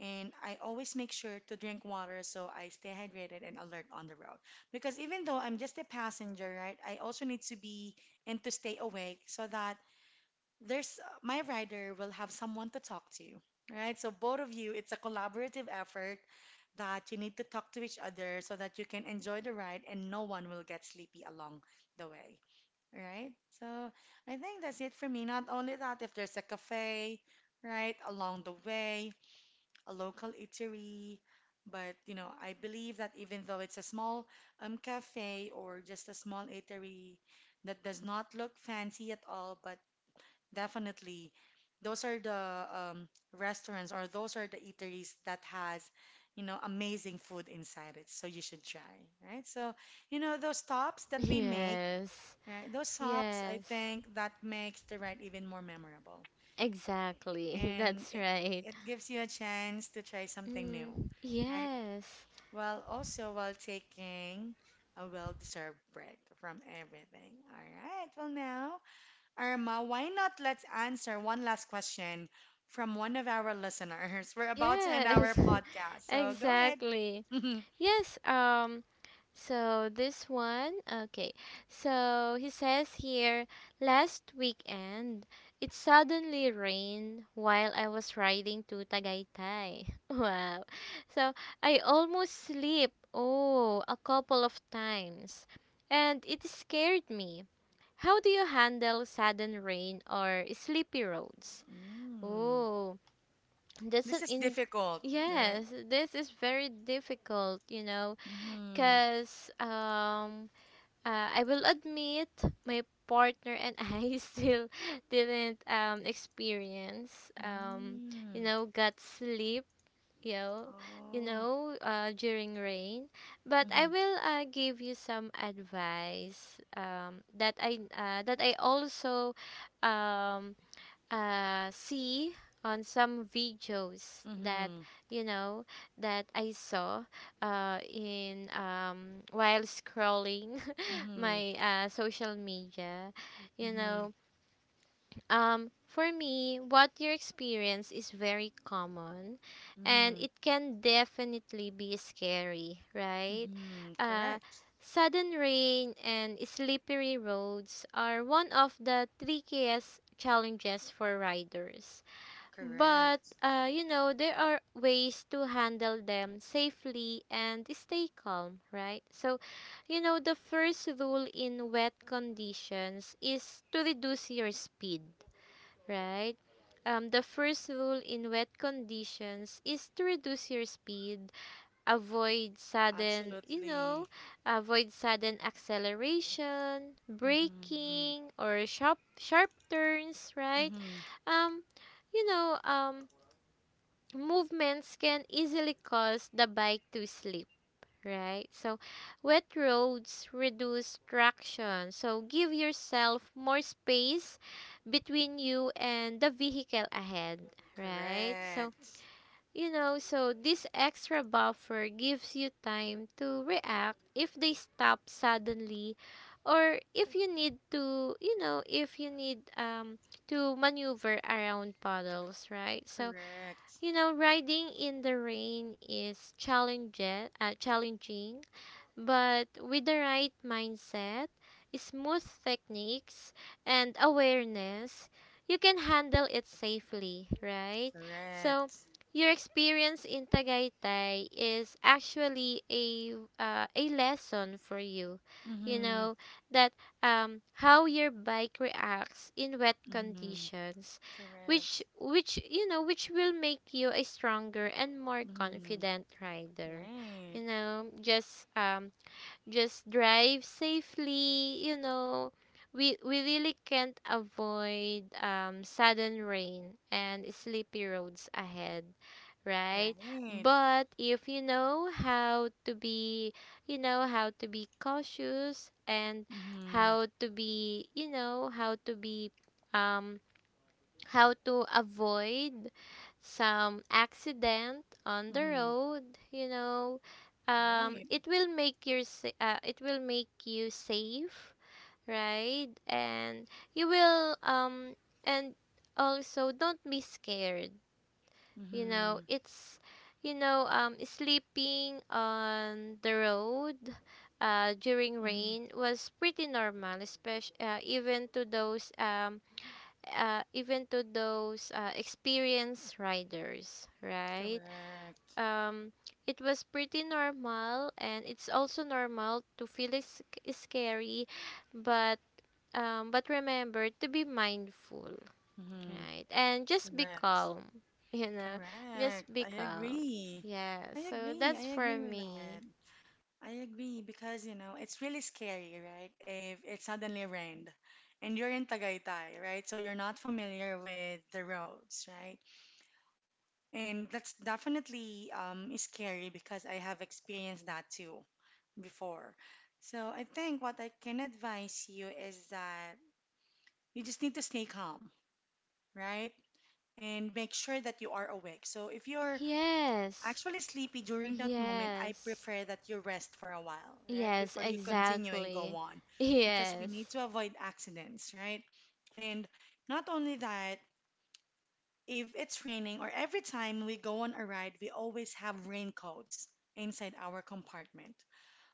And I always make sure to drink water so I stay hydrated and alert on the road. Because even though I'm just a passenger, right, I also need to be and to stay awake so that there's my rider will have someone to talk to, right? So both of you, it's a collaborative effort that you need to talk to each other so that you can enjoy the ride and no one will get sleepy along the way, right? So I think that's it for me. Not only that, if there's a cafe, right, along the way, a local eatery. But you know, I believe that even though it's a small um cafe or just a small eatery that does not look fancy at all, but definitely those are the, um, restaurants or those are the eateries that has, you know, amazing food inside it. So you should try, right? So, you know, those stops that we make, yes, right? Those stops, I yes. think that makes the ride even more memorable Exactly, and that's it right. it gives you a chance to try something new, Mm, right? yes, While also while taking a well-deserved break from everything. All right. Well, now, Irma, why not let's answer one last question from one of our listeners. We're about to end our yes, podcast, so go ahead. exactly. Yes, um so this one, okay. So he says here, last weekend it suddenly rained while I was riding to Tagaytay. Wow. So I almost slipped, oh, a couple of times, and it scared me. How do you handle sudden rain or sleepy roads? Mm. Oh, that's an This is in. difficult, right? Yes, this is very difficult, you know, Mm-hmm. because um uh, I will admit my partner and I still didn't um experience um you Mm. know, gut sleep, you know, you Oh. know, uh, during rain. But Mm-hmm. I will uh, give you some advice um that I uh, that I also um uh, see on some videos that, Mm-hmm. you know, that I saw uh, in um, while scrolling Mm-hmm. my uh, social media, you Mm-hmm. know. Um, for me, what you experience is very common, and Mm-hmm. it can definitely be scary, right? Mm-hmm. Uh, Correct. sudden rain and slippery roads are one of the trickiest challenges for riders. But, Correct. uh, you know, there are ways to handle them safely and stay calm, right? So, you know, the first rule in wet conditions is to reduce your speed, right? Um, the first rule in wet conditions is to reduce your speed, avoid sudden, you Absolutely. know, avoid sudden acceleration, Mm-hmm. braking, or sharp, sharp turns, right? Mm-hmm. Um, you know, um, Movements can easily cause the bike to slip, right? So, wet roads reduce traction. So, give yourself more space between you and the vehicle ahead, right? So, Correct. you know, so this extra buffer gives you time to react if they stop suddenly, or if you need to, you know, if you need um to maneuver around puddles, right? So, Correct. you know, riding in the rain is challenge, uh, challenging, but with the right mindset, smooth techniques, and awareness, you can handle it safely, right? So, Correct. your experience in Tagaytay is actually a uh, a lesson for you. You Mm-hmm. know that um, how your bike reacts in wet Mm-hmm. conditions, Correct. which which you know which will make you a stronger and more Mm-hmm. confident rider. Right. You know, just um, just drive safely, you know, we we really can't avoid um sudden rain and sleepy roads ahead, right? Right. But if you know how to be, you know, how to be cautious, and Mm-hmm. how to be, you know, how to be, um how to avoid some accident on the Mm-hmm. road, you know, um Right. it will make your sa- uh, it will make you safe, right? And you will, um and also don't be scared. You know, Mm-hmm. it's, you know, um sleeping on the road uh during Mm-hmm. rain was pretty normal, especially uh, even to those um uh, even to those uh, experienced riders, right? Correct. Um, it was pretty normal, and it's also normal to feel is- scary, but um, but remember to be mindful, Mm-hmm. right? And just be Correct. calm, you know, just Correct. be I calm. agree. Yeah, I so agree. that's I for agree with that. me. I agree because you know it's really scary, right? If it suddenly rained and you're in Tagaytay, right? So you're not familiar with the roads, right? And that's definitely um is scary because I have experienced that too before. So I think what I can advise you is that you just need to stay calm, right? And make sure that you are awake. So if you're Yes, actually sleepy during that moment, I yes, prefer that you rest for a while, right? yes, Before you continue and go exactly. on, because we need Yes, to avoid accidents, right? And not only that, if it's raining or every time we go on a ride, we always have raincoats inside our compartment.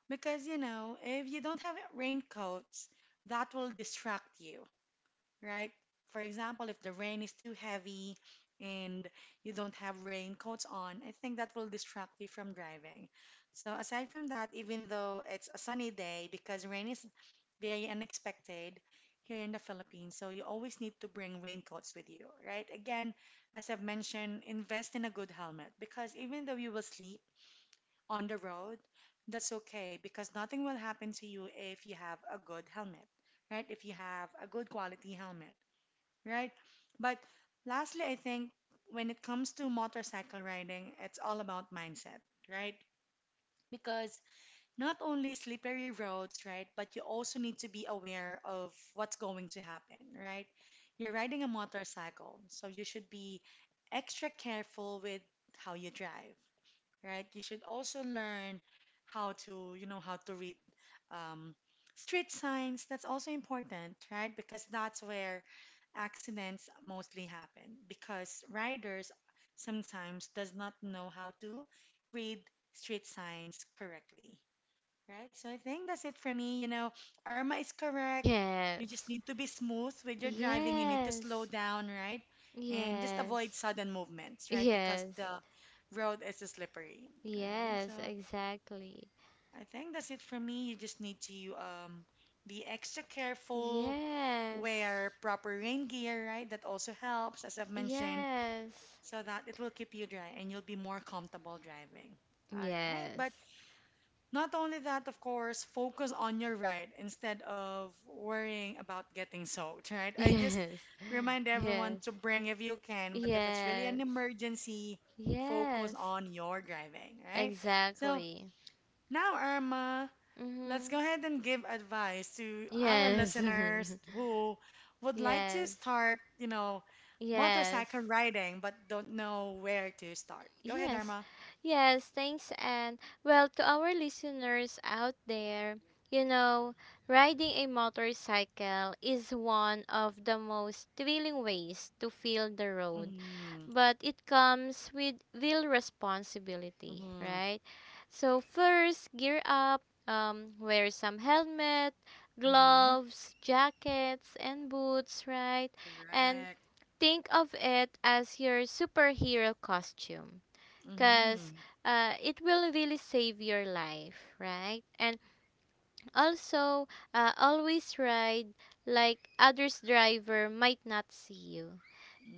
Because, you know, if you don't have raincoats, that will distract you, right? For example, if the rain is too heavy and you don't have raincoats on, I think that will distract you from driving. So aside from that, even though it's a sunny day, because rain is very unexpected here in the Philippines, so you always need to bring raincoats with you, right? Again, as I've mentioned, invest in a good helmet because even though you will sleep on the road, that's okay because nothing will happen to you if you have a good helmet, right? If you have a good quality helmet, right? But lastly, I think when it comes to motorcycle riding, it's all about mindset, right? Because not only slippery roads, right, but you also need to be aware of what's going to happen, right? You're riding a motorcycle, so you should be extra careful with how you drive, right? You should also learn how to, you know, how to read um, street signs. That's also important, right? Because that's where accidents mostly happen because riders sometimes does not know how to read street signs correctly, right? So I think that's it for me. You know, Irma is correct. You just yes. need to be smooth with your driving. You need to slow Yes, down, right? And just avoid yes, sudden movements, right? Because yes, the road is slippery, right? So yes, exactly. I think that's it for me. You just need to um, be extra careful, Yes, wear proper rain gear, right? That also helps, as I've mentioned, yes, so that it will keep you dry and you'll be more comfortable driving. All right. yes, But not only that, of course, focus on your ride instead of worrying about getting soaked, right? I just yes, remind everyone yes, to bring if you can, but if it's really an yes, emergency, focus yes, on your driving, right? So exactly. now, Irma. Let's Mm-hmm. go ahead and give advice to our Yes, listeners who would like to yes, start, you know, yes, motorcycle riding but don't know where to start. Go ahead, yes, Arma. yes, thanks. And well, to our listeners out there, you know, riding a motorcycle is one of the most thrilling ways to feel the road, Mm-hmm. but it comes with real responsibility, Mm-hmm. right? So, first, gear up, um, wear some helmet, Mm-hmm. gloves, jackets, and boots, right? And Correct. think of it as your superhero costume, Mm-hmm. because uh, it will really save your life, right? And also, uh, always ride like others driver might not see you.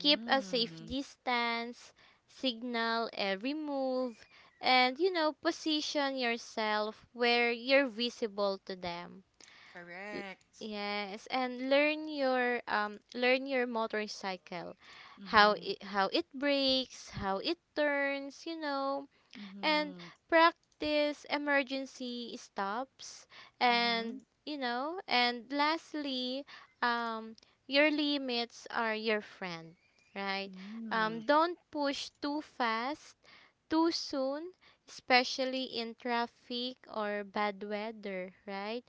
Keep a safe distance, signal every move, and you know, position yourself where you're visible to them. L- Correct. yes, and learn your um learn your motorcycle, how Mm-hmm. it how it breaks, how it turns, you know, and Mm-hmm. practice emergency stops, Mm-hmm. and you know, and lastly, um your limits are your friend, right? Mm-hmm. Um don't push too fast too soon, especially in traffic or bad weather, right?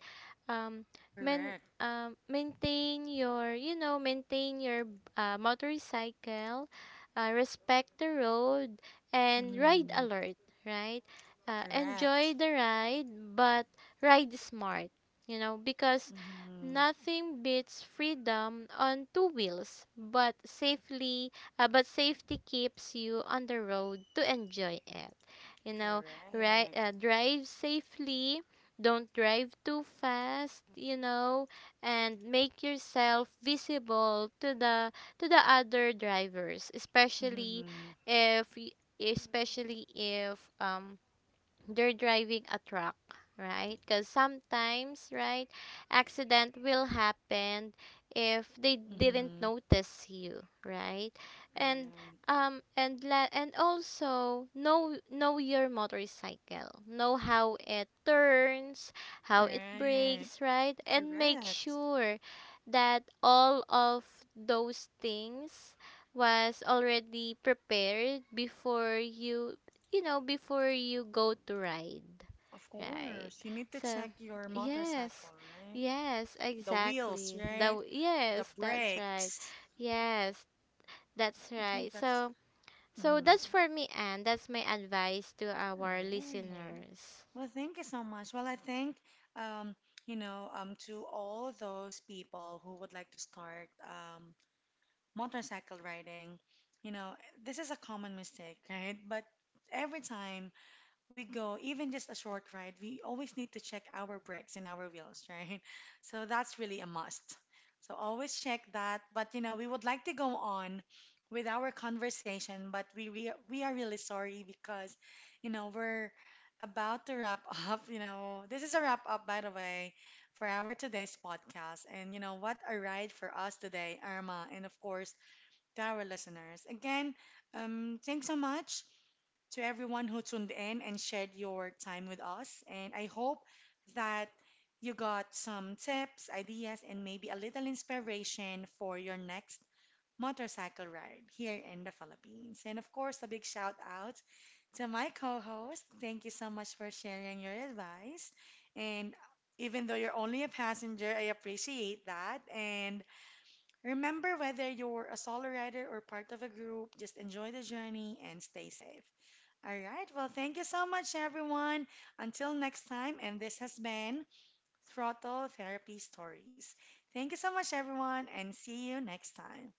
Um, Men, Correct. um, maintain your, you know, maintain your uh, motorcycle, uh, respect the road, and ride Mm-hmm. alert, right? Uh, enjoy Correct. the ride, but ride smart, you know, because Mm-hmm. nothing beats freedom on two wheels, but safely, uh, but safety keeps you on the road to enjoy it. You know, right? Correct. Uh, drive safely. Don't drive too fast, you know, and make yourself visible to the to the other drivers, especially Mm-hmm. if y- especially if um they're driving a truck, right? Because sometimes, right, accident will happen if they didn't Mm-hmm. notice you, right? And Right. um and la- and also know know your motorcycle, know how it turns, how it Right. breaks, right? And make Correct. sure that all of those things was already prepared before you, you know, before you go to ride, Of right? course. You need to So, check your yes, motorcycle, right? yes, The wheels, exactly. That, right? The yes, that's right. brakes. Yes, that's I think right. that's So, so mhm. that's for me, and that's my advice to our Right. listeners. Well, thank you so much. Well, I think, um, you know, um, to all those people who would like to start um, motorcycle riding, you know, this is a common mistake, right? But every time we go, even just a short ride, we always need to check our brakes and our wheels, right? So that's really a must. So always check that. But you know, we would like to go on with our conversation, but we we, we are really sorry because, you know, we're about to wrap up. You know, this is a wrap up, by the way, for our today's podcast. And you know, what a ride for us today, Irma, and of course to our listeners. Again, um, thanks so much to everyone who tuned in and shared your time with us. And I hope that you got some tips, ideas, and maybe a little inspiration for your next motorcycle ride here in the Philippines. And of course, a big shout out to my co host. Thank you so much for sharing your advice. And even though you're only a passenger, I appreciate that. And remember, whether you're a solo rider or part of a group, just enjoy the journey and stay safe. All right. Well, thank you so much, everyone. Until next time, and this has been Throttle Therapy Stories. Thank you so much, everyone, and see you next time.